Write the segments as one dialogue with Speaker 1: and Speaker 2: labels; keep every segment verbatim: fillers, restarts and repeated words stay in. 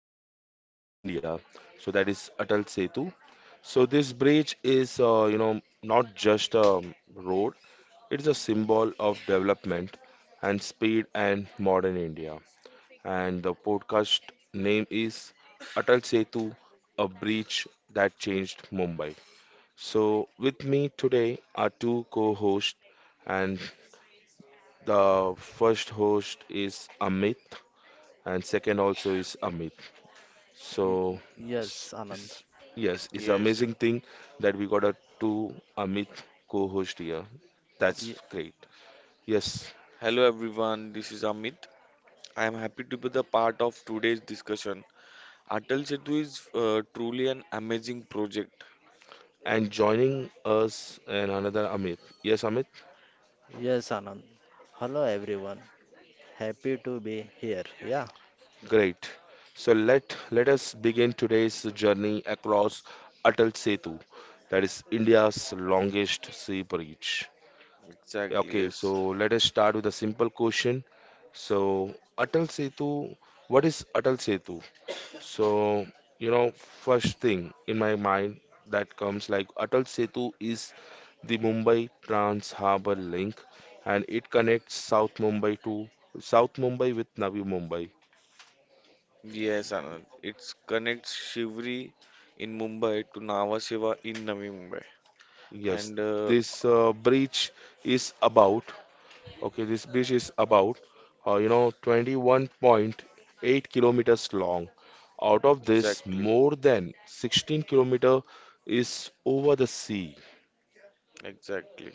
Speaker 1: historic bridge in India. So that is Atal Setu. So this bridge is, uh, you know, not just a road, it is a symbol of development and speed and modern India. And the podcast name is Atal Setu, a bridge that changed Mumbai. So with me today are two co hosts, and the first host is Amit, and second also is Amit. So, it's,
Speaker 2: Yes, Anand.
Speaker 1: it's, yes, it's
Speaker 3: Yes.
Speaker 1: amazing
Speaker 3: yes.
Speaker 1: thing that we got a two Amit co host here. That's
Speaker 2: Ye-
Speaker 1: great. Yes,
Speaker 3: Hello everyone, this is Amit. I am happy to be the part of today's discussion. Atal Setu is uh, truly an amazing project.
Speaker 1: and joining us and another Amit. Yes, Amit?
Speaker 2: Yes, Anand. Hello, everyone. Happy to be here. Yeah.
Speaker 1: Great. So let let us begin today's journey across Atal Setu, that is India's longest sea bridge.
Speaker 3: Exactly,
Speaker 1: Okay,
Speaker 3: yes.
Speaker 1: so let us start with a simple question. So Atal Setu, what is Atal Setu? So you know, first thing in my mind that comes like Atal Setu is the Mumbai Trans Harbour Link, and it connects South Mumbai to South Mumbai with Navi Mumbai.
Speaker 3: Yes, Anand. It connects Shivri in Mumbai to Nhava Sheva in Navi Mumbai.
Speaker 1: Yes,
Speaker 3: And uh,
Speaker 1: this uh, breach is about, okay, this breach is about, uh, you know, twenty-one point eight kilometers long. Out of this,
Speaker 3: exactly,
Speaker 1: more than sixteen kilometer is over the sea.
Speaker 3: exactly.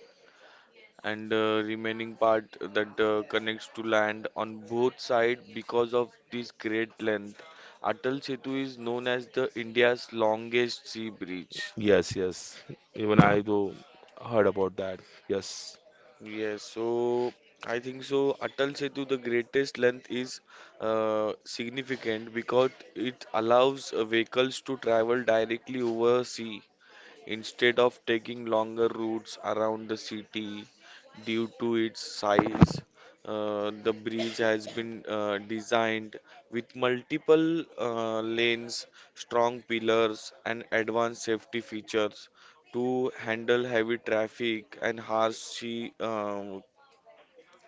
Speaker 3: And uh, Remaining part that uh, connects to land on both sides because of this great length. Atal Setu is known as the India's longest sea bridge.
Speaker 1: Yes, yes. Even I do heard about that. Yes,
Speaker 3: Yes, so I think so. Atal Setu, the greatest length is uh, significant because it allows uh, vehicles to travel directly over sea instead of taking longer routes around the city due to its size. Uh, the bridge has been uh, designed with multiple uh, lanes, strong pillars, and advanced safety features to handle heavy traffic and harsh sea, um,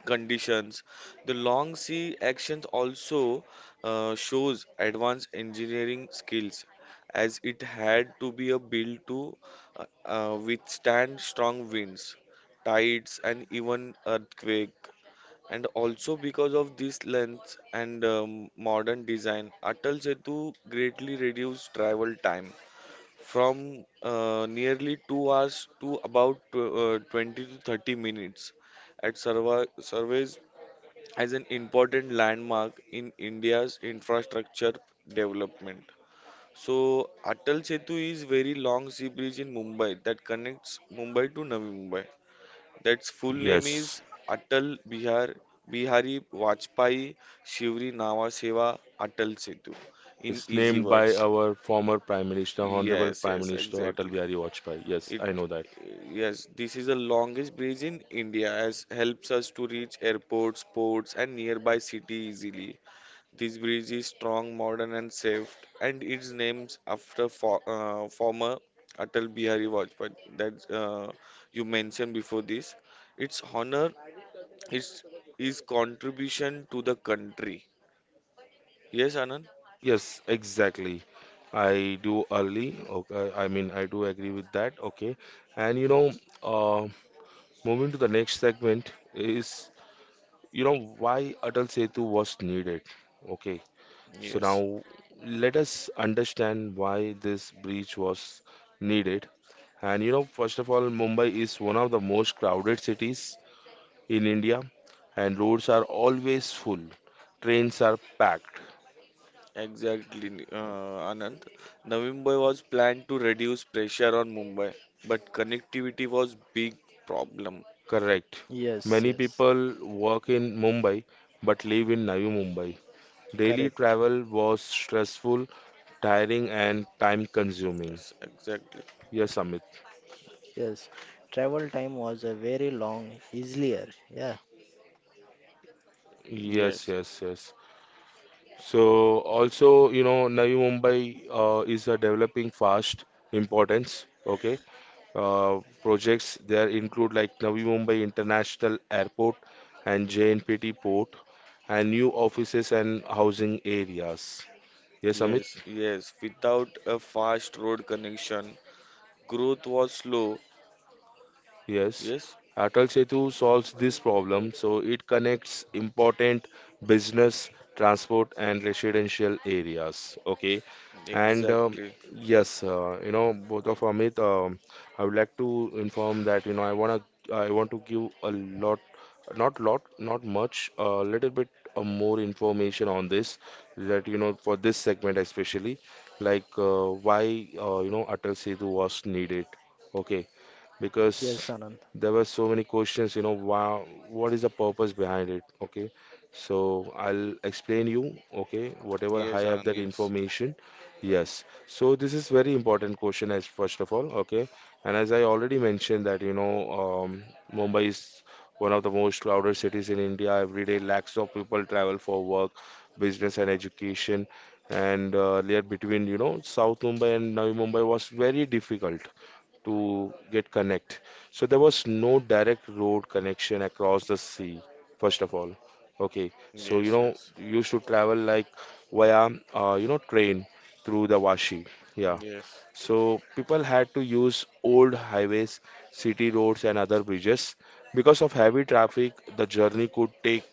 Speaker 3: conditions. The long sea action also uh, shows advanced engineering skills as it had to be a built to uh, uh, withstand strong winds, tides and even earthquake. And also because of this length and um, modern design, Atal Setu greatly reduced travel time from uh, nearly two hours to about tw- uh, twenty to thirty minutes at survey surveys as an important landmark in India's infrastructure development. So, Atal Setu is very long sea bridge in Mumbai that connects Mumbai to Navi Mumbai. That's full name
Speaker 1: yes.
Speaker 3: is Atal Bihar Bihari Vajpayee Shivri Nava Seva Atal Setu in
Speaker 1: It's
Speaker 3: easy
Speaker 1: named
Speaker 3: words.
Speaker 1: by our former Prime Minister, Honorable
Speaker 3: Yes,
Speaker 1: Prime
Speaker 3: yes,
Speaker 1: Minister Atal
Speaker 3: exactly.
Speaker 1: Bihari Vajpayee. Yes,
Speaker 3: It
Speaker 1: I know.
Speaker 3: yes, this is the longest bridge in India as helps us to reach airports, ports and nearby city easily. This bridge is strong, modern, and safe, and it's named after for, uh, former Atal Bihari Vajpayee that uh, you mentioned before this. Its honor is his contribution to the country. Yes, Anand?
Speaker 1: Yes, exactly. I do early. Okay, I mean, I do agree with that. Okay, and you know, uh, moving to the next segment is, you know, why Atal Setu was needed. Okay, so
Speaker 3: Yes,
Speaker 1: now let us understand why this bridge was needed. And you know, first of all, Mumbai is one of the most crowded cities in India, and roads are always full, trains are packed.
Speaker 3: exactly, uh, Anand. Navi Mumbai was planned to reduce pressure on Mumbai, but connectivity was big problem.
Speaker 1: Correct.
Speaker 2: Yes,
Speaker 1: Many
Speaker 2: yes.
Speaker 1: people work in Mumbai but live in Navi Mumbai. Daily
Speaker 2: Correct.
Speaker 1: travel was stressful, tiring, and time consuming.
Speaker 3: Yes, exactly.
Speaker 1: Yes, Amit.
Speaker 2: Yes. Travel time was a very long, easier. Yeah.
Speaker 1: Yes,
Speaker 3: Yes,
Speaker 1: yes, yes. So, also, you know, Navi Mumbai uh, is a developing fast importance. Okay. Uh, projects there include like Navi Mumbai International Airport and J N P T Port and new offices and housing areas. Yes, Amit.
Speaker 3: yes, yes. Without a fast road connection, growth was slow.
Speaker 1: Yes,
Speaker 3: Yes,
Speaker 1: Atal Setu solves this problem, so it connects important business, transport, and residential areas. Okay, and um,
Speaker 3: exactly.
Speaker 1: yes, uh, you know, both of Amit, um, I would like to inform that you know I wanna I want to give a lot, not lot, not much, a little bit uh, more information on this, that you know for this segment especially, like uh, why uh, you know Atal Setu was needed. Okay, because
Speaker 2: Yes, Anand.
Speaker 1: there were so many questions, you know. Wow, what is the purpose behind it? Okay. So I'll explain you, okay, whatever
Speaker 3: Yes,
Speaker 1: I have
Speaker 3: Anand.
Speaker 1: that
Speaker 3: Yes,
Speaker 1: information. Yes. So this is very important question as first of all, okay. And as I already mentioned that, you know, um, Mumbai is one of the most crowded cities in India. Every day, lakhs of people travel for work, business, and education. And uh, layer between, you know, South Mumbai and Navi Mumbai was very difficult to get connect. So there was no direct road connection across the sea, first of all. Okay, so you know
Speaker 3: yes,
Speaker 1: you should travel like via uh, you know train through the Washi. Yeah.
Speaker 3: yes, yes,
Speaker 1: So people had to use old highways, city roads, and other bridges. Because of heavy traffic, the journey could take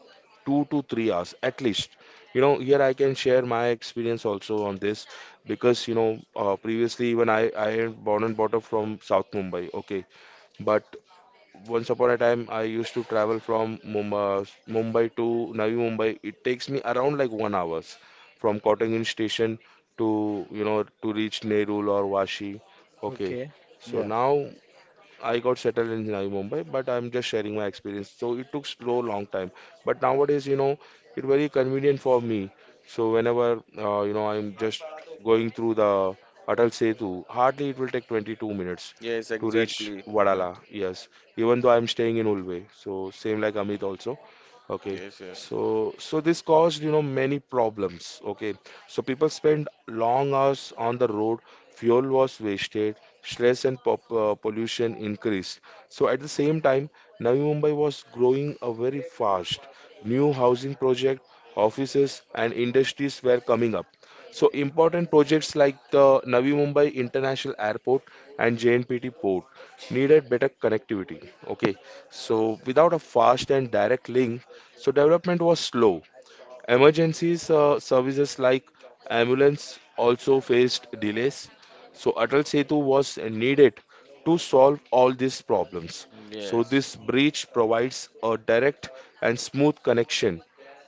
Speaker 1: two to three hours at least. You know, here I can share my experience also on this because, you know, uh, previously when I, I am born and brought up from South Mumbai, okay, but once upon a time I used to travel from Mumbai, Mumbai to Navi Mumbai. It takes me around like one hours from Cotton Hill station to, you know, to reach Nerul or Vashi, okay.
Speaker 2: Okay.
Speaker 1: So
Speaker 2: Yeah.
Speaker 1: now I got settled in Navi Mumbai, but I'm just sharing my experience. So it took slow long time, but nowadays you know it's very convenient for me. So whenever uh, you know I'm just going through the Atal Setu, hardly it will take twenty-two minutes
Speaker 3: yes,
Speaker 1: to reach
Speaker 3: exactly, Anand.
Speaker 1: Vadala. Yes, even though I'm staying in Ulve, so same like Amit also. Okay,
Speaker 3: Yes, yes,
Speaker 1: so so this caused you know many problems. Okay, so people spend long hours on the road, fuel was wasted, stress and pop, uh, pollution increased. So at the same time, Navi Mumbai was growing uh, very fast. New housing project, offices and industries were coming up. So important projects like the Navi Mumbai International Airport and J N P T port needed better connectivity. Okay, so without a fast and direct link, so development was slow. Emergencies uh, services like ambulance also faced delays, so Atal Setu was needed to solve all these problems. So
Speaker 3: yes.
Speaker 1: this bridge provides a direct and smooth connection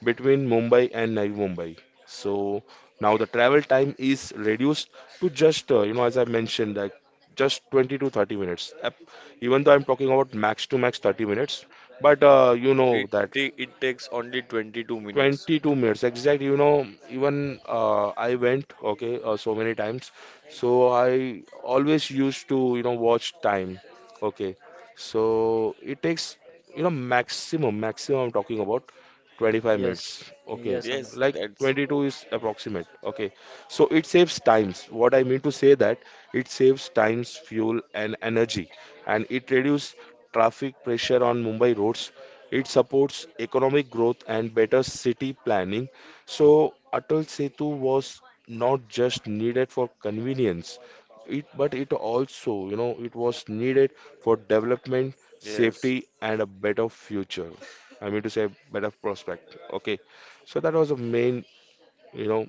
Speaker 1: between Mumbai and Navi Mumbai. So now the travel time is reduced to just uh, you know as I mentioned like just twenty to thirty minutes. Ap- Even though I'm talking about max to max thirty minutes, but uh, you know
Speaker 3: It
Speaker 1: that
Speaker 3: ta- it takes only twenty-two minutes.
Speaker 1: twenty-two minutes exact you know even uh, I went okay uh, so many times, so I always used to you know watch time, okay, so it takes you know maximum maximum I'm talking about twenty-five minutes
Speaker 2: Yes.
Speaker 1: okay,
Speaker 2: Yes, Anand.
Speaker 3: Yes,
Speaker 1: like
Speaker 3: that's
Speaker 1: twenty-two is approximate okay. So it saves times, what I mean to say that it saves times, fuel and energy, and it reduces traffic pressure on Mumbai roads. It supports economic growth and better city planning. So Atal Setu was not just needed for convenience, it, but it also, you know, it was needed for development,
Speaker 3: yes,
Speaker 1: safety, and a better future. I mean to say, better prospect. Okay, so that was the main, you know,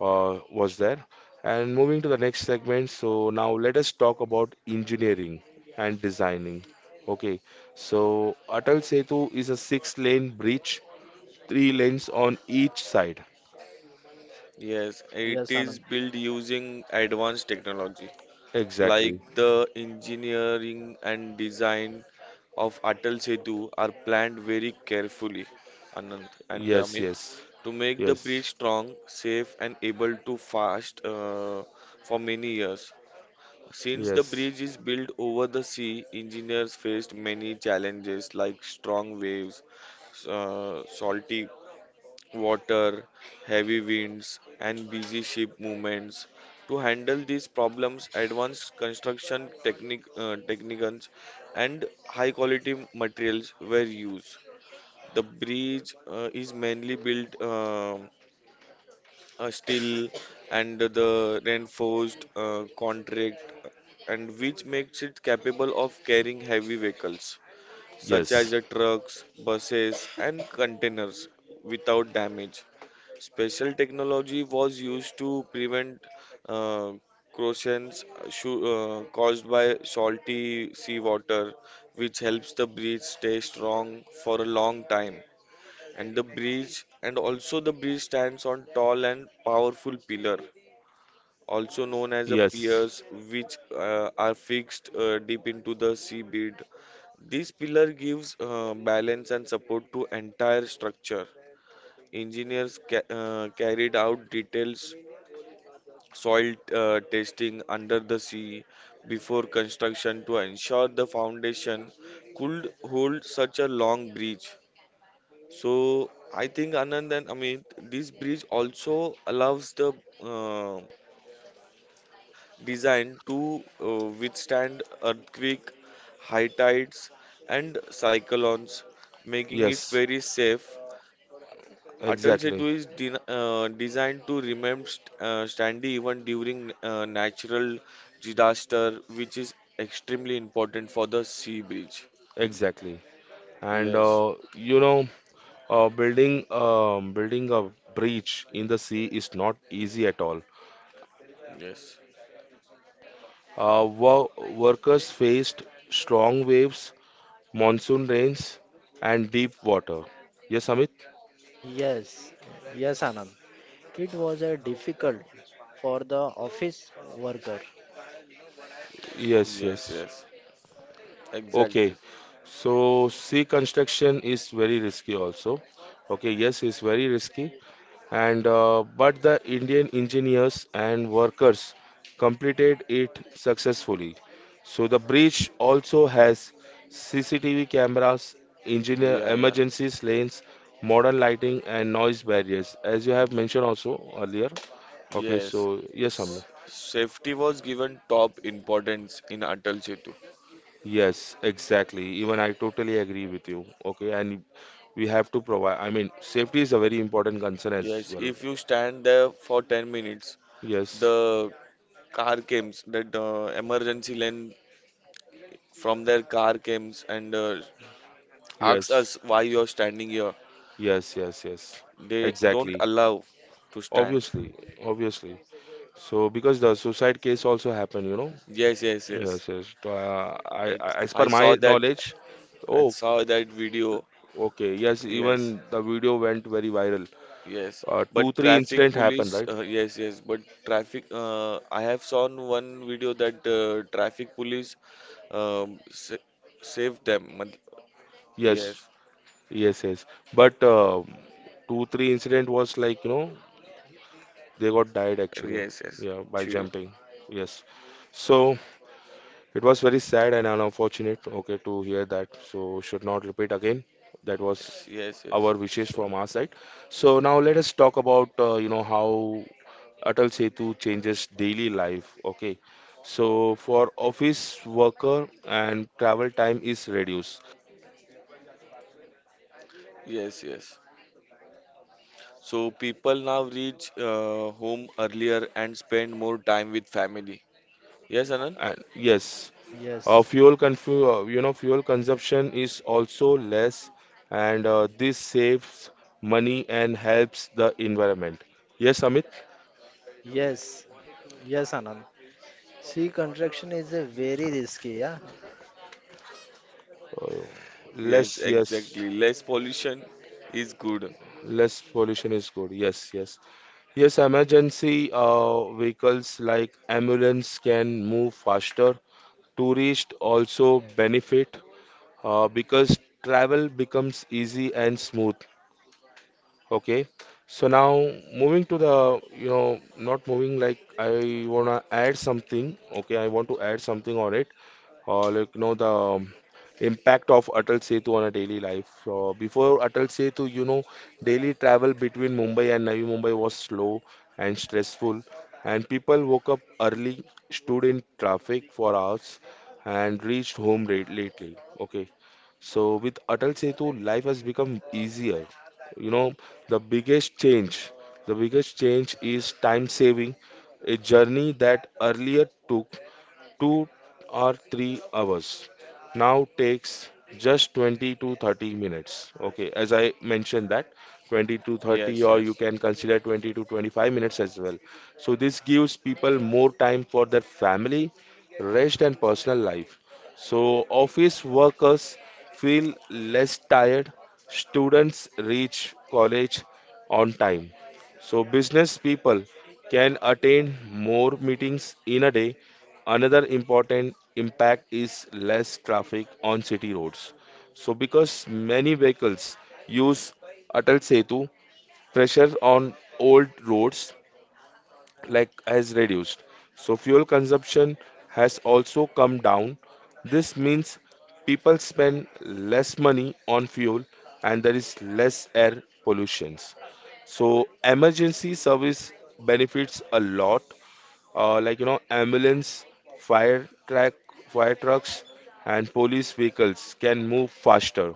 Speaker 1: uh, was there. And moving to the next segment, so now let us talk about engineering and designing. Okay, so Atal Setu is a six-lane bridge, three lanes on each side.
Speaker 3: yes. It
Speaker 2: Yes,
Speaker 3: is
Speaker 2: Anand.
Speaker 3: built using advanced technology. Like
Speaker 1: Exactly.
Speaker 3: the engineering and design of Atal Setu are planned very carefully, Anant and
Speaker 1: Yes,
Speaker 3: Amit,
Speaker 1: yes,
Speaker 3: to make the
Speaker 1: yes,
Speaker 3: bridge strong, safe, and able to fast uh, for many years. Since the
Speaker 1: yes,
Speaker 3: bridge is built over the sea, engineers faced many challenges like strong waves, s- uh, salty water, heavy winds, and busy ship movements. To handle these problems, advanced construction technique, uh, techniques and high quality materials were used. The bridge uh, is mainly built uh, uh, steel and the reinforced uh, contract, and which makes it capable of carrying heavy vehicles such as
Speaker 1: yes,
Speaker 3: the trucks, buses, and containers without damage. Special technology was used to prevent uh, corrosions shu- uh, caused by salty seawater, which helps the breed stay strong for a long time. And the bridge, and also the bridge stands on tall and powerful pillar, also known as a
Speaker 1: yes,
Speaker 3: piers, which uh, are fixed uh, deep into the seabed. This pillar gives uh, balance and support to entire structure. Engineers ca- uh, carried out details soil uh, testing under the sea before construction to ensure the foundation could hold such a long bridge. So I think Anand and Amit, this bridge also allows the uh, design to uh, withstand earthquake, high tides, and cyclones, making it
Speaker 1: yes,
Speaker 3: very safe. Atal
Speaker 1: exactly,
Speaker 3: Setu is de- uh, designed to remain st- uh, standing even during uh, natural disaster, which is extremely important for the sea bridge.
Speaker 1: exactly. And
Speaker 3: Yes,
Speaker 1: uh, you know, uh, building um, building a bridge in the sea is not easy at all.
Speaker 3: yes,
Speaker 1: Uh, wo- Workers faced strong waves, monsoon rains, and deep water. Yes, Amit?
Speaker 2: Yes. Yes, Anand. It was a difficult for the office worker.
Speaker 1: Yes,
Speaker 3: yes,
Speaker 1: yes.
Speaker 3: yes, exactly.
Speaker 1: Okay. So sea construction is very risky also. Okay, yes, it's very risky. and uh, but the Indian engineers and workers completed it successfully. So the bridge also has C C T V cameras, engineer
Speaker 3: Yeah, yeah,
Speaker 1: emergency lanes, modern lighting, and noise barriers, as you have mentioned also earlier. Okay, so
Speaker 3: yes.
Speaker 1: yes, Amna.
Speaker 3: S- safety was given top importance in Atal Setu.
Speaker 1: Yes, exactly. Even I totally agree with you. Okay, and we have to provide. I mean, safety is a very important concern as
Speaker 3: Yes,
Speaker 1: well.
Speaker 3: if you stand there for ten minutes,
Speaker 1: Yes,
Speaker 3: the car comes, that uh, emergency lane from their car comes and uh, asks us
Speaker 1: yes,
Speaker 3: why you are standing here.
Speaker 1: yes, yes, yes.
Speaker 3: They don't
Speaker 1: Exactly.
Speaker 3: allow to stand.
Speaker 1: Obviously, obviously. So because the suicide case also happened, you know.
Speaker 3: Yes, yes, yes.
Speaker 1: Yes, yes. So, Uh, I, I,
Speaker 3: That
Speaker 1: as per
Speaker 3: I
Speaker 1: my
Speaker 3: saw that.
Speaker 1: knowledge,
Speaker 3: I
Speaker 1: oh,
Speaker 3: saw that video.
Speaker 1: okay. Yes,
Speaker 3: Yes,
Speaker 1: even the video went very viral.
Speaker 3: yes.
Speaker 1: Uh,
Speaker 3: But
Speaker 1: two, three
Speaker 3: traffic
Speaker 1: incident
Speaker 3: police.
Speaker 1: happened, right?
Speaker 3: Uh, yes, yes. But traffic. Uh, I have seen one video that uh, traffic police um, sa saved them. Mat-
Speaker 1: Yes,
Speaker 3: Yes,
Speaker 1: yes, yes. But uh, two, three incident was like, you know, they got died actually.
Speaker 3: yes, yes.
Speaker 1: Yeah, by
Speaker 3: Chill.
Speaker 1: jumping. Yes. So it was very sad and unfortunate, okay, to hear that. So should not repeat again. That was
Speaker 3: Yes, yes, yes.
Speaker 1: our wishes
Speaker 3: So,
Speaker 1: from our side. So now let us talk about uh, you know how Atal Setu changes daily life. Okay, so for office worker and travel time is reduced.
Speaker 3: yes, yes. So people now reach uh, home earlier and spend more time with family. Yes, Anand?
Speaker 1: And yes, uh,
Speaker 2: Yes.
Speaker 1: fuel confu uh, you know fuel consumption is also less, and uh, this saves money and helps the environment. Yes, Amit.
Speaker 2: Yes.
Speaker 3: Yes,
Speaker 2: Yes, Anand. Sea construction is a very risky. Yeah.
Speaker 1: Oh,
Speaker 3: yes,
Speaker 1: less, yes,
Speaker 3: exactly. Less pollution is good.
Speaker 1: less pollution is good. Yes, yes, yes. Emergency uh, vehicles like ambulance can move faster. Tourists also benefit uh, because travel becomes easy and smooth. Okay. So now moving to the, you know, not moving like I wanna add something. Okay, I want to add something on it. Uh, like you know the um, impact of Atal Setu on a daily life. So before Atal Setu, you know, daily travel between Mumbai and Navi Mumbai was slow and stressful, and people woke up early, stood in traffic for hours, and reached home late lately. Okay, so with Atal Setu, life has become easier. You know, the biggest change, the biggest change is time saving, a journey that earlier took two or three hours now takes just twenty to thirty minutes, okay, as I mentioned that twenty to thirty,
Speaker 3: Yes,
Speaker 1: or you
Speaker 3: yes,
Speaker 1: can consider twenty to twenty-five minutes as well. So this gives people more time for their family, rest and personal life. So office workers feel less tired, students reach college on time, so business people can attend more meetings in a day. Another important impact is less traffic on city roads. So because many vehicles use Atal Setu, pressure on old roads like has reduced. So fuel consumption has also come down. This means people spend less money on fuel and there is less air pollutions. So emergency service benefits a lot, uh, like you know ambulance, fire track, fire trucks, and police vehicles can move faster.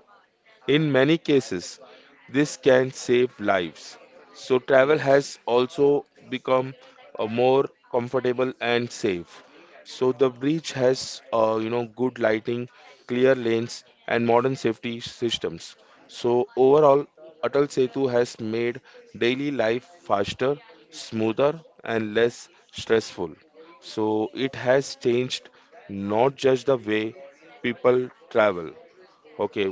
Speaker 1: In many cases, this can save lives. So travel
Speaker 3: yes,
Speaker 1: has also become uh, more comfortable and safe. So, the bridge has, uh, you know, good lighting, clear lanes, and modern safety systems. So, overall, Atal Setu has made daily life faster, smoother, and less stressful. So, it has changed not just the way people travel. Okay.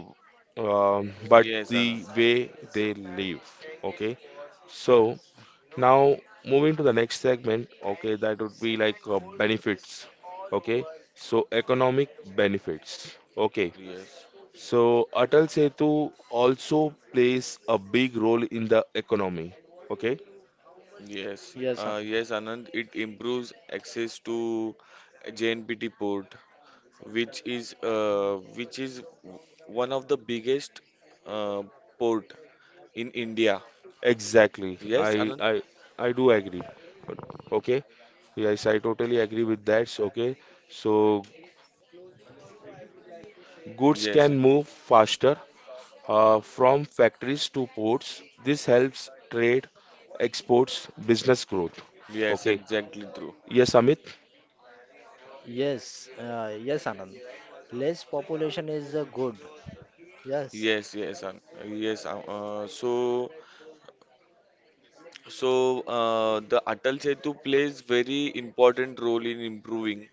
Speaker 1: um, But
Speaker 3: yes,
Speaker 1: the
Speaker 3: Anand.
Speaker 1: way they live. Okay, so now moving to the next segment. Okay, that would be like uh, benefits. Okay, so economic benefits. Okay,
Speaker 3: Yes,
Speaker 1: so Atal Setu also plays a big role in the economy. Okay,
Speaker 3: yes,
Speaker 2: Yes,
Speaker 3: uh,
Speaker 2: Anand.
Speaker 3: yes, Anand. It improves access to J N P T port, which is uh, which is one of the biggest uh, port in India.
Speaker 1: exactly.
Speaker 3: Yes,
Speaker 1: i
Speaker 3: Anand.
Speaker 1: i I do agree. Okay, yes, I totally agree with that. So, okay, so goods
Speaker 3: Yes,
Speaker 1: can move faster. Uh, from factories to ports, this helps trade, exports, business growth.
Speaker 3: yes,
Speaker 1: Okay.
Speaker 3: exactly true.
Speaker 1: Yes, Amit,
Speaker 2: Yes, uh, yes, Anand. Less population is a good. Yes,
Speaker 3: Yes, yes, um, yes. um, Uh, so, so uh, the Atal Setu plays very important role in improving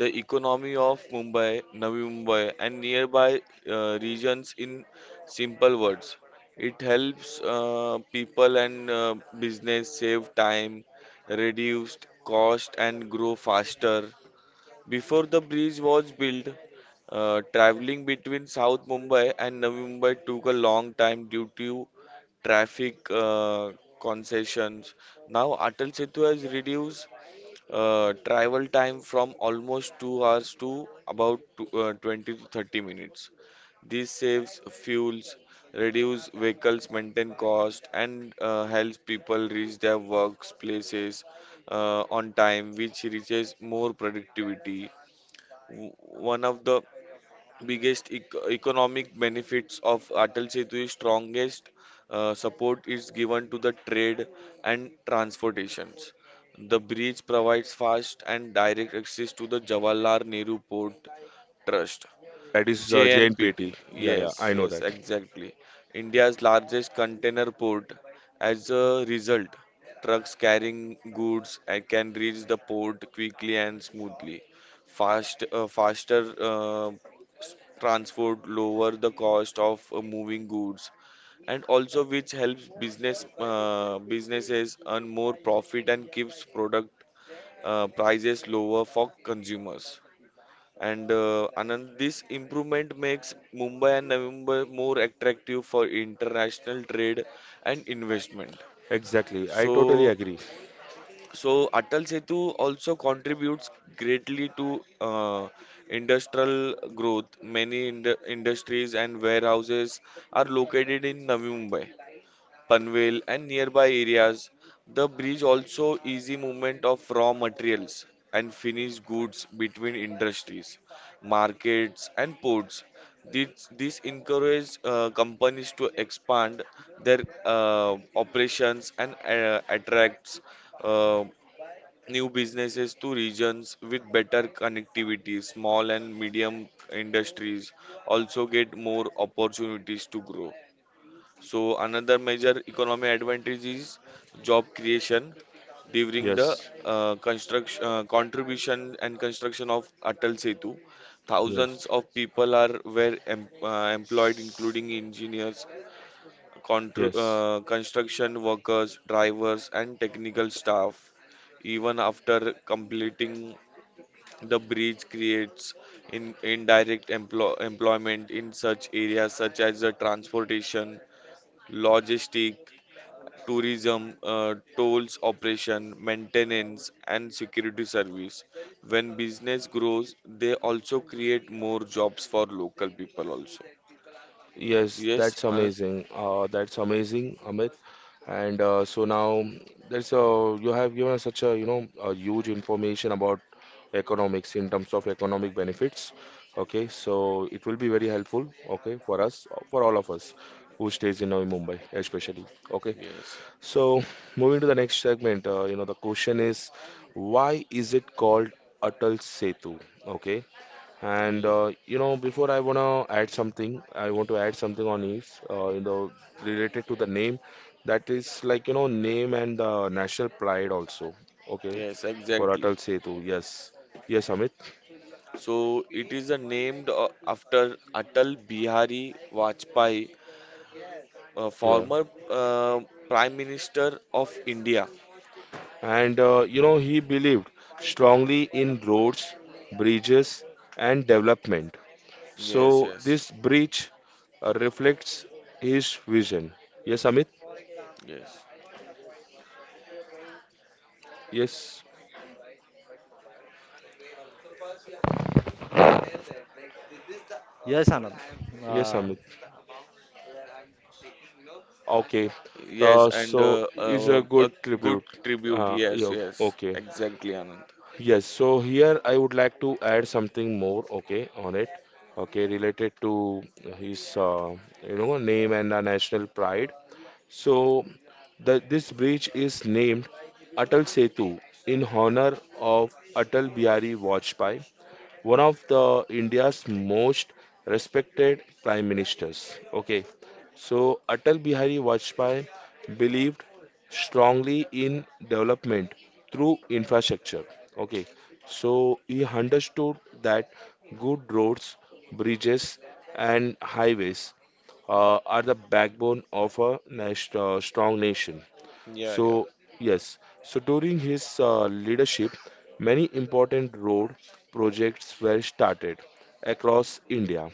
Speaker 3: the economy of Mumbai, Navi Mumbai, and nearby uh, regions. In simple words, it helps uh, people and uh, business save time, reduce cost, and grow faster. Before the bridge was built, uh, traveling between South Mumbai and Navi Mumbai took a long time due to traffic uh, concessions. Now, Atal Setu has reduced uh, travel time from almost two hours to about tw- uh, twenty to thirty minutes. This saves fuels, reduce vehicles maintain cost, and uh, helps people reach their workplaces uh, on time, which reaches more productivity. W- One of the biggest ec- economic benefits of Atal Setu is strongest uh, support is given to the trade and transportations. The bridge provides fast and direct access to the Jawaharlal Nehru Port Trust,
Speaker 1: that is uh, J N P T.
Speaker 3: J N P T.
Speaker 1: Yeah, yeah, I
Speaker 3: Yes,
Speaker 1: know
Speaker 3: yes,
Speaker 1: that.
Speaker 3: exactly. India's largest container port. As a result, trucks carrying goods uh, can reach the port quickly and smoothly. Fast, uh, faster uh, s- transport lower the cost of uh, moving goods, and also which helps business uh, businesses earn more profit and keeps product uh, prices lower for consumers. And uh, Anand, this improvement makes Mumbai and Navi more attractive for international trade and investment.
Speaker 1: Exactly. I totally
Speaker 3: So,
Speaker 1: agree.
Speaker 3: so Atal Setu also contributes greatly to uh, industrial growth. Many ind industries and warehouses are located in Navi Mumbai, Panvel, and nearby areas. The bridge also easy movement of raw materials and finished goods between industries, markets, and ports. This, this encourages uh, companies to expand their uh, operations and uh, attracts uh, new businesses to regions with better connectivity. Small and medium industries also get more opportunities to grow. So another major economic advantage is job creation during the
Speaker 1: Yes,
Speaker 3: uh, construction uh, contribution and construction of Atal Setu. Thousands
Speaker 1: yes,
Speaker 3: of people are were em uh, employed, including engineers, contr
Speaker 1: yes.
Speaker 3: uh, construction workers, drivers, and technical staff. Even after completing the bridge, creates in indirect emplo employment in such areas such as the transportation logistic tourism, uh, tolls operation, maintenance, and security service. When business grows, they also create more jobs for local people also.
Speaker 1: Yes,
Speaker 3: Yes,
Speaker 1: that's
Speaker 3: Anand?
Speaker 1: amazing. Uh, that's amazing, Amit. And uh, so now there's uh, you have given us such a, you know a huge information about economics in terms of economic benefits. Okay, so it will be very helpful. Okay, for us, for all of us who stays in Navi Mumbai, especially. Okay,
Speaker 3: Yes.
Speaker 1: so moving to the next segment. Uh, you know the question is, why is it called Atal Setu? Okay. And
Speaker 3: Ye-
Speaker 1: uh, you know, before I wanna add something, I want to add something on if uh, you know, related to the name. That is like you know name and uh, national pride also. Okay,
Speaker 3: Yes,
Speaker 1: for
Speaker 3: exactly.
Speaker 1: Atal Setu. Yes, yes, Amit.
Speaker 3: So it is uh, named uh, after Atal Bihari Vajpayee, a
Speaker 1: Yeah,
Speaker 3: former uh, Prime Minister of India.
Speaker 1: and uh, you know, he believed strongly in roads, bridges, and development.
Speaker 3: Yes,
Speaker 1: So
Speaker 3: yes,
Speaker 1: this bridge uh, reflects his vision. Yes, Amit.
Speaker 3: yes.
Speaker 1: Yes,
Speaker 2: yes, Anand.
Speaker 1: yes,
Speaker 2: Uh,
Speaker 1: Amit. Okay.
Speaker 3: Yes,
Speaker 1: Uh,
Speaker 3: and
Speaker 1: so
Speaker 3: uh,
Speaker 1: is
Speaker 3: uh,
Speaker 1: a good
Speaker 3: a good
Speaker 1: tribute.
Speaker 3: tribute.
Speaker 1: Uh,
Speaker 3: Yes,
Speaker 1: yeah,
Speaker 3: yes,
Speaker 1: okay.
Speaker 3: exactly, Anand.
Speaker 1: Yes, so here I would like to add something more, okay, on it, okay, related to his, uh, you know, name and the national pride. So the, this bridge is named Atal Setu in honor of Atal Bihari Vajpayee, one of the India's most respected prime ministers. Okay, so Atal Bihari Vajpayee believed strongly in development through infrastructure. Okay, so he understood that good roads, bridges, and highways uh, are the backbone of a nation, uh, strong nation.
Speaker 3: Yeah, yeah.
Speaker 1: So, yes, so during his uh, leadership, many important road projects were started across India.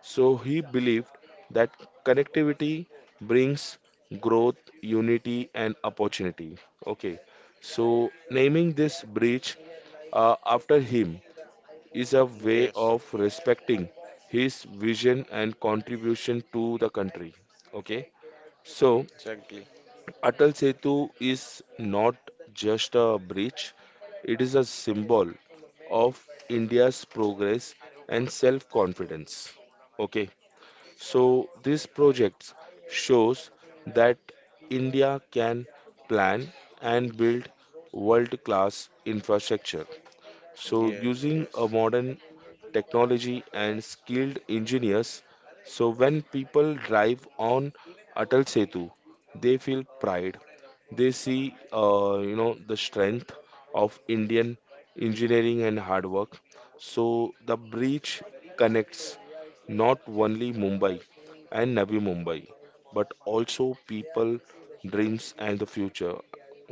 Speaker 1: So, he believed that connectivity brings growth, unity, and opportunity. Okay, so naming this bridge uh, after him is a way
Speaker 3: Yes,
Speaker 1: of respecting his vision and contribution to the country. Okay, so
Speaker 3: exactly.
Speaker 1: Atal Setu is not just a bridge, it is a symbol of India's progress and self confidence. Okay, so this project shows that India can plan and build world class infrastructure, so
Speaker 3: Yes,
Speaker 1: using a
Speaker 3: yes.
Speaker 1: modern technology and skilled engineers, so when people drive on Atal Setu, they feel pride. They see, uh, you know, the strength of Indian engineering and hard work. So the bridge connects not only Mumbai and Navi Mumbai, but also people, dreams, and the future.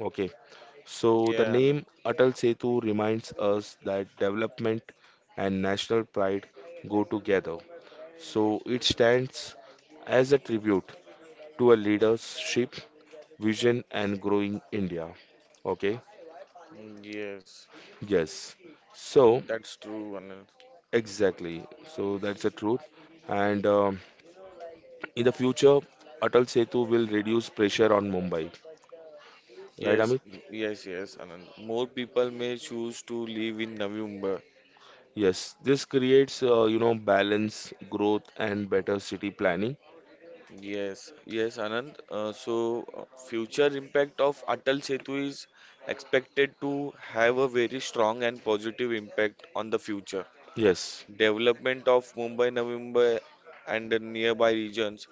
Speaker 1: Okay, so the
Speaker 3: Yeah,
Speaker 1: name
Speaker 3: Anand.
Speaker 1: Atal Setu reminds us that development and national pride go together. So, it stands as a tribute to a leadership, vision, and growing India. Okay,
Speaker 3: Mm, yes,
Speaker 1: yes. So,
Speaker 3: that's true, Anand.
Speaker 1: exactly. So, that's the truth. And um, in the future, Atal Setu will reduce pressure on Mumbai. Right,
Speaker 3: Yes,
Speaker 1: Amit?
Speaker 3: yes, yes, Anand. More people may choose to live in Navi.
Speaker 1: Yes, this creates, uh, you know, balance, growth, and better city planning.
Speaker 3: Yes, yes, Anand. Uh, so, uh, future impact of Atal Setu is expected to have a very strong and positive impact on the future
Speaker 1: Yes.
Speaker 3: development of Mumbai, Navi Mumbai, and the nearby regions.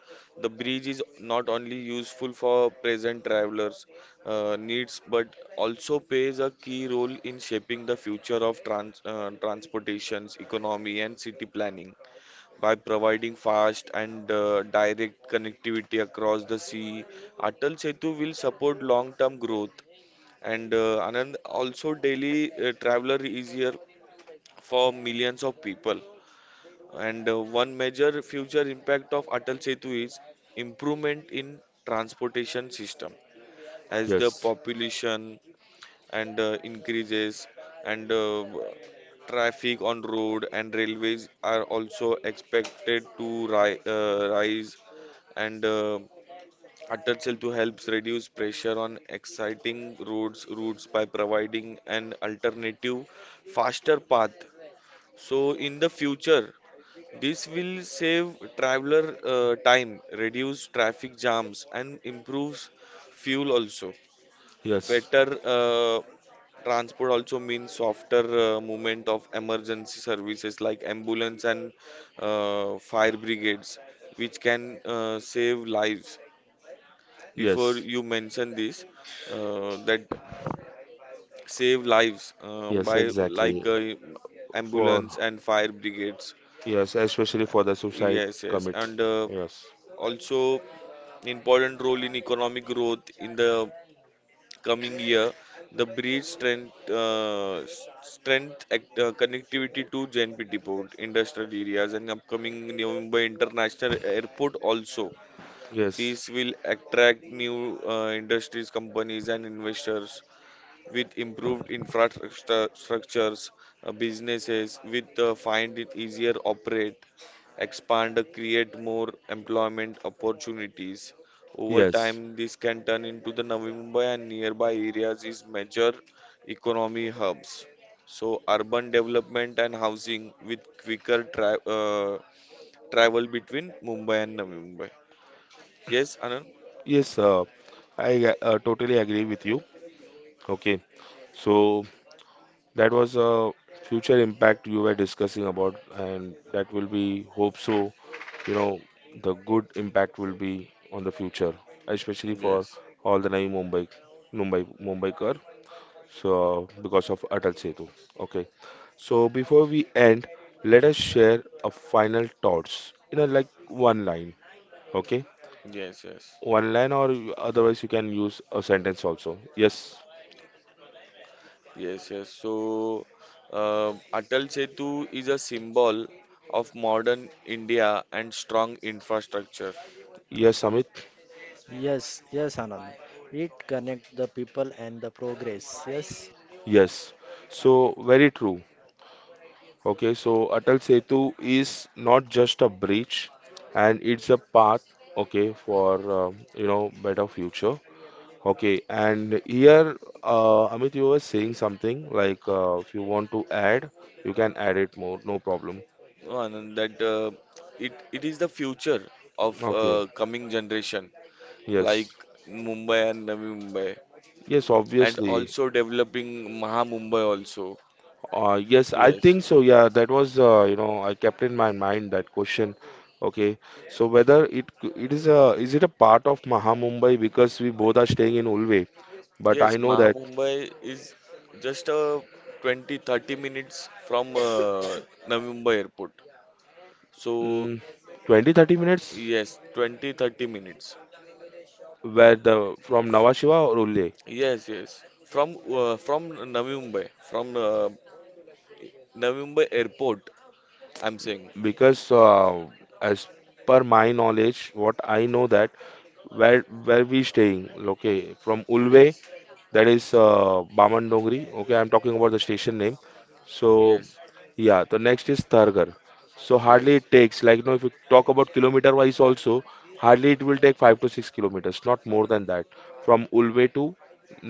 Speaker 3: The bridge is not only useful for present travelers' uh, needs but also plays a key role in shaping the future of trans- uh, transportations, economy, and city planning by providing fast and uh, direct connectivity across the sea. Atal Setu will support long-term growth and uh, Anand also daily uh, traveler easier for millions of people. And uh, one major future impact of Atal Setu is improvement in transportation system as the
Speaker 1: Yes,
Speaker 3: population and uh, increases and uh, traffic on road and railways are also expected to ri- uh, rise and uh, Atal Setu helps reduce pressure on exciting roads routes by providing an alternative faster path. So in the future, this will save traveler uh, time, reduce traffic jams, and improves fuel also.
Speaker 1: yes,
Speaker 3: Better uh, transport also means softer uh, movement of emergency services like ambulance and uh, fire brigades, which can uh, save lives. Before
Speaker 1: yes,
Speaker 3: you mention this, uh, that save lives uh,
Speaker 1: yes,
Speaker 3: by like
Speaker 1: exactly.
Speaker 3: uh,
Speaker 1: For
Speaker 3: ambulance and fire brigades.
Speaker 1: yes, especially for the suicide
Speaker 3: Yes, yes,
Speaker 1: commit.
Speaker 3: and uh,
Speaker 1: Yes,
Speaker 3: also. Important role in economic growth in the coming year. The bridge strength, uh, s- strength act, uh, connectivity to J N P T port, industrial areas, and upcoming New Mumbai International Airport also.
Speaker 1: yes,
Speaker 3: This will attract new uh, industries, companies, and investors with improved infrastructure structures, uh, businesses with uh, find it easier operate expand, uh, create more employment opportunities. Over
Speaker 1: yes,
Speaker 3: time, this can turn into the Navi Mumbai and nearby areas is major economy hubs. So, urban development and housing with quicker tra- uh, travel between Mumbai and Navi Mumbai. Yes, Anand?
Speaker 1: yes. Uh, I uh, totally agree with you. Okay, so that was a future impact you were discussing about, and that will be hope so. You know, the good impact will be on the future, especially for
Speaker 3: Yes,
Speaker 1: all the new Mumbai, Mumbai, Mumbaikar. So because of Atal Setu. Okay. So before we end, let us share a final thoughts in a like one line, okay?
Speaker 3: yes, yes.
Speaker 1: One line or you- otherwise you can use a sentence also. Yes,
Speaker 3: Yes, yes. So, uh, Atal Setu is a symbol of modern India and strong infrastructure.
Speaker 1: yes, Amit,
Speaker 2: yes, yes, Anand. It connect the people and the progress. Yes,
Speaker 1: yes. So very true. Okay, so Atal Setu is not just a bridge, and it's a path. Okay, for um, you know better future. Okay, and here uh, Amit, you were saying something like uh, if you want to add, you can add it more, no problem.
Speaker 3: No, Anand, that uh, it it is the future of
Speaker 1: Okay.
Speaker 3: uh, coming generation, like
Speaker 1: Yes,
Speaker 3: Mumbai and Navi Mumbai,
Speaker 1: yes,
Speaker 3: and
Speaker 1: obviously.
Speaker 3: also developing Maha Mumbai also.
Speaker 1: Uh, yes, I
Speaker 3: Yes,
Speaker 1: think so. Yeah, that was uh, you know, I kept in my mind that question. Okay, so whether it c- it is a, is it a part of Maha Mumbai, because we both are staying in Ulve, but I
Speaker 3: yes.
Speaker 1: know
Speaker 3: Maha
Speaker 1: that.
Speaker 3: Mumbai is just a twenty thirty minutes from uh, Navi Mumbai airport. So
Speaker 1: Mm, twenty thirty minutes,
Speaker 3: yes, twenty thirty minutes.
Speaker 1: where the from Nhava Shiva or Ulve,
Speaker 3: Yes, yes. From uh, from Navi Mumbai, from uh, Navi Mumbai airport, I'm saying.
Speaker 1: because uh, as per my knowledge, what I know that, where where we staying. Okay, from Ulve.
Speaker 3: Yes,
Speaker 1: That is uh, Baman Dongri. Okay, I'm talking about the station name. So
Speaker 3: yes,
Speaker 1: yeah, the next is Thargar. So hardly
Speaker 3: yes.
Speaker 1: it takes like you know, if you talk about kilometer wise also, hardly it will take five to six kilometers, not more than that, from Ulve to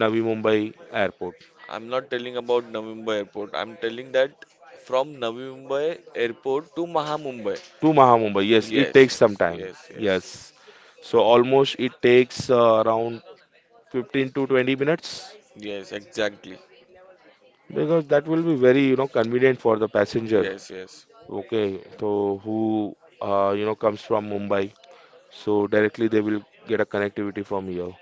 Speaker 1: Navi Mumbai Airport
Speaker 3: I'm not telling about Navi Mumbai airport. I'm telling that from Navi Mumbai airport to Maha Mumbai.
Speaker 1: to Maha Mumbai. Yes, it
Speaker 3: Yes,
Speaker 1: takes
Speaker 3: yes,
Speaker 1: some time.
Speaker 3: yes, yes.
Speaker 1: Yes, so almost it takes uh, around fifteen to twenty minutes,
Speaker 3: Yes, exactly.
Speaker 1: because that will be very you know convenient for the passenger.
Speaker 3: Yes, yes.
Speaker 1: Okay, so who uh, you know, comes from Mumbai, so directly they will get a connectivity from here.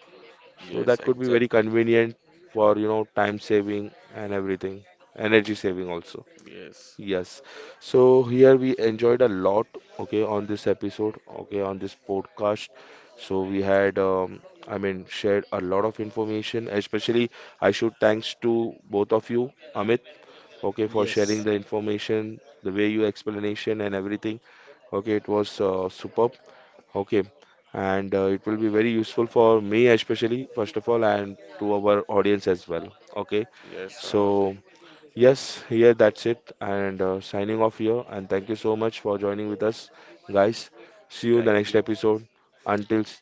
Speaker 1: So
Speaker 3: Yes,
Speaker 1: that could be very
Speaker 3: exact.
Speaker 1: convenient for you know time saving and everything, energy saving also.
Speaker 3: Yes.
Speaker 1: Yes. So here we enjoyed a lot, okay, on this episode, okay, on this podcast. So we had, um, I mean, shared a lot of information, especially I should thanks to both of you, Amit, okay, for sharing
Speaker 2: yes.
Speaker 1: the information, the way you explanation and everything. Okay, it was uh, superb. Okay, and uh, it will be very useful for me especially, first of all, and to our audience as well. Okay,
Speaker 3: Yes, Anand.
Speaker 1: so yes, here that's it, and uh, signing off here. And thank you so much for joining with us, guys. See you in the next episode. Until s-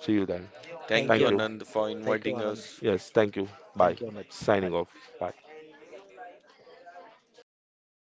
Speaker 1: See you then.
Speaker 2: Thank
Speaker 1: Thank
Speaker 2: you,
Speaker 1: you.
Speaker 2: thank you, Anand.
Speaker 1: Yes, thank you. Bye.
Speaker 2: Thank you, Amit.
Speaker 1: Signing off.
Speaker 2: Hi.
Speaker 1: Bye.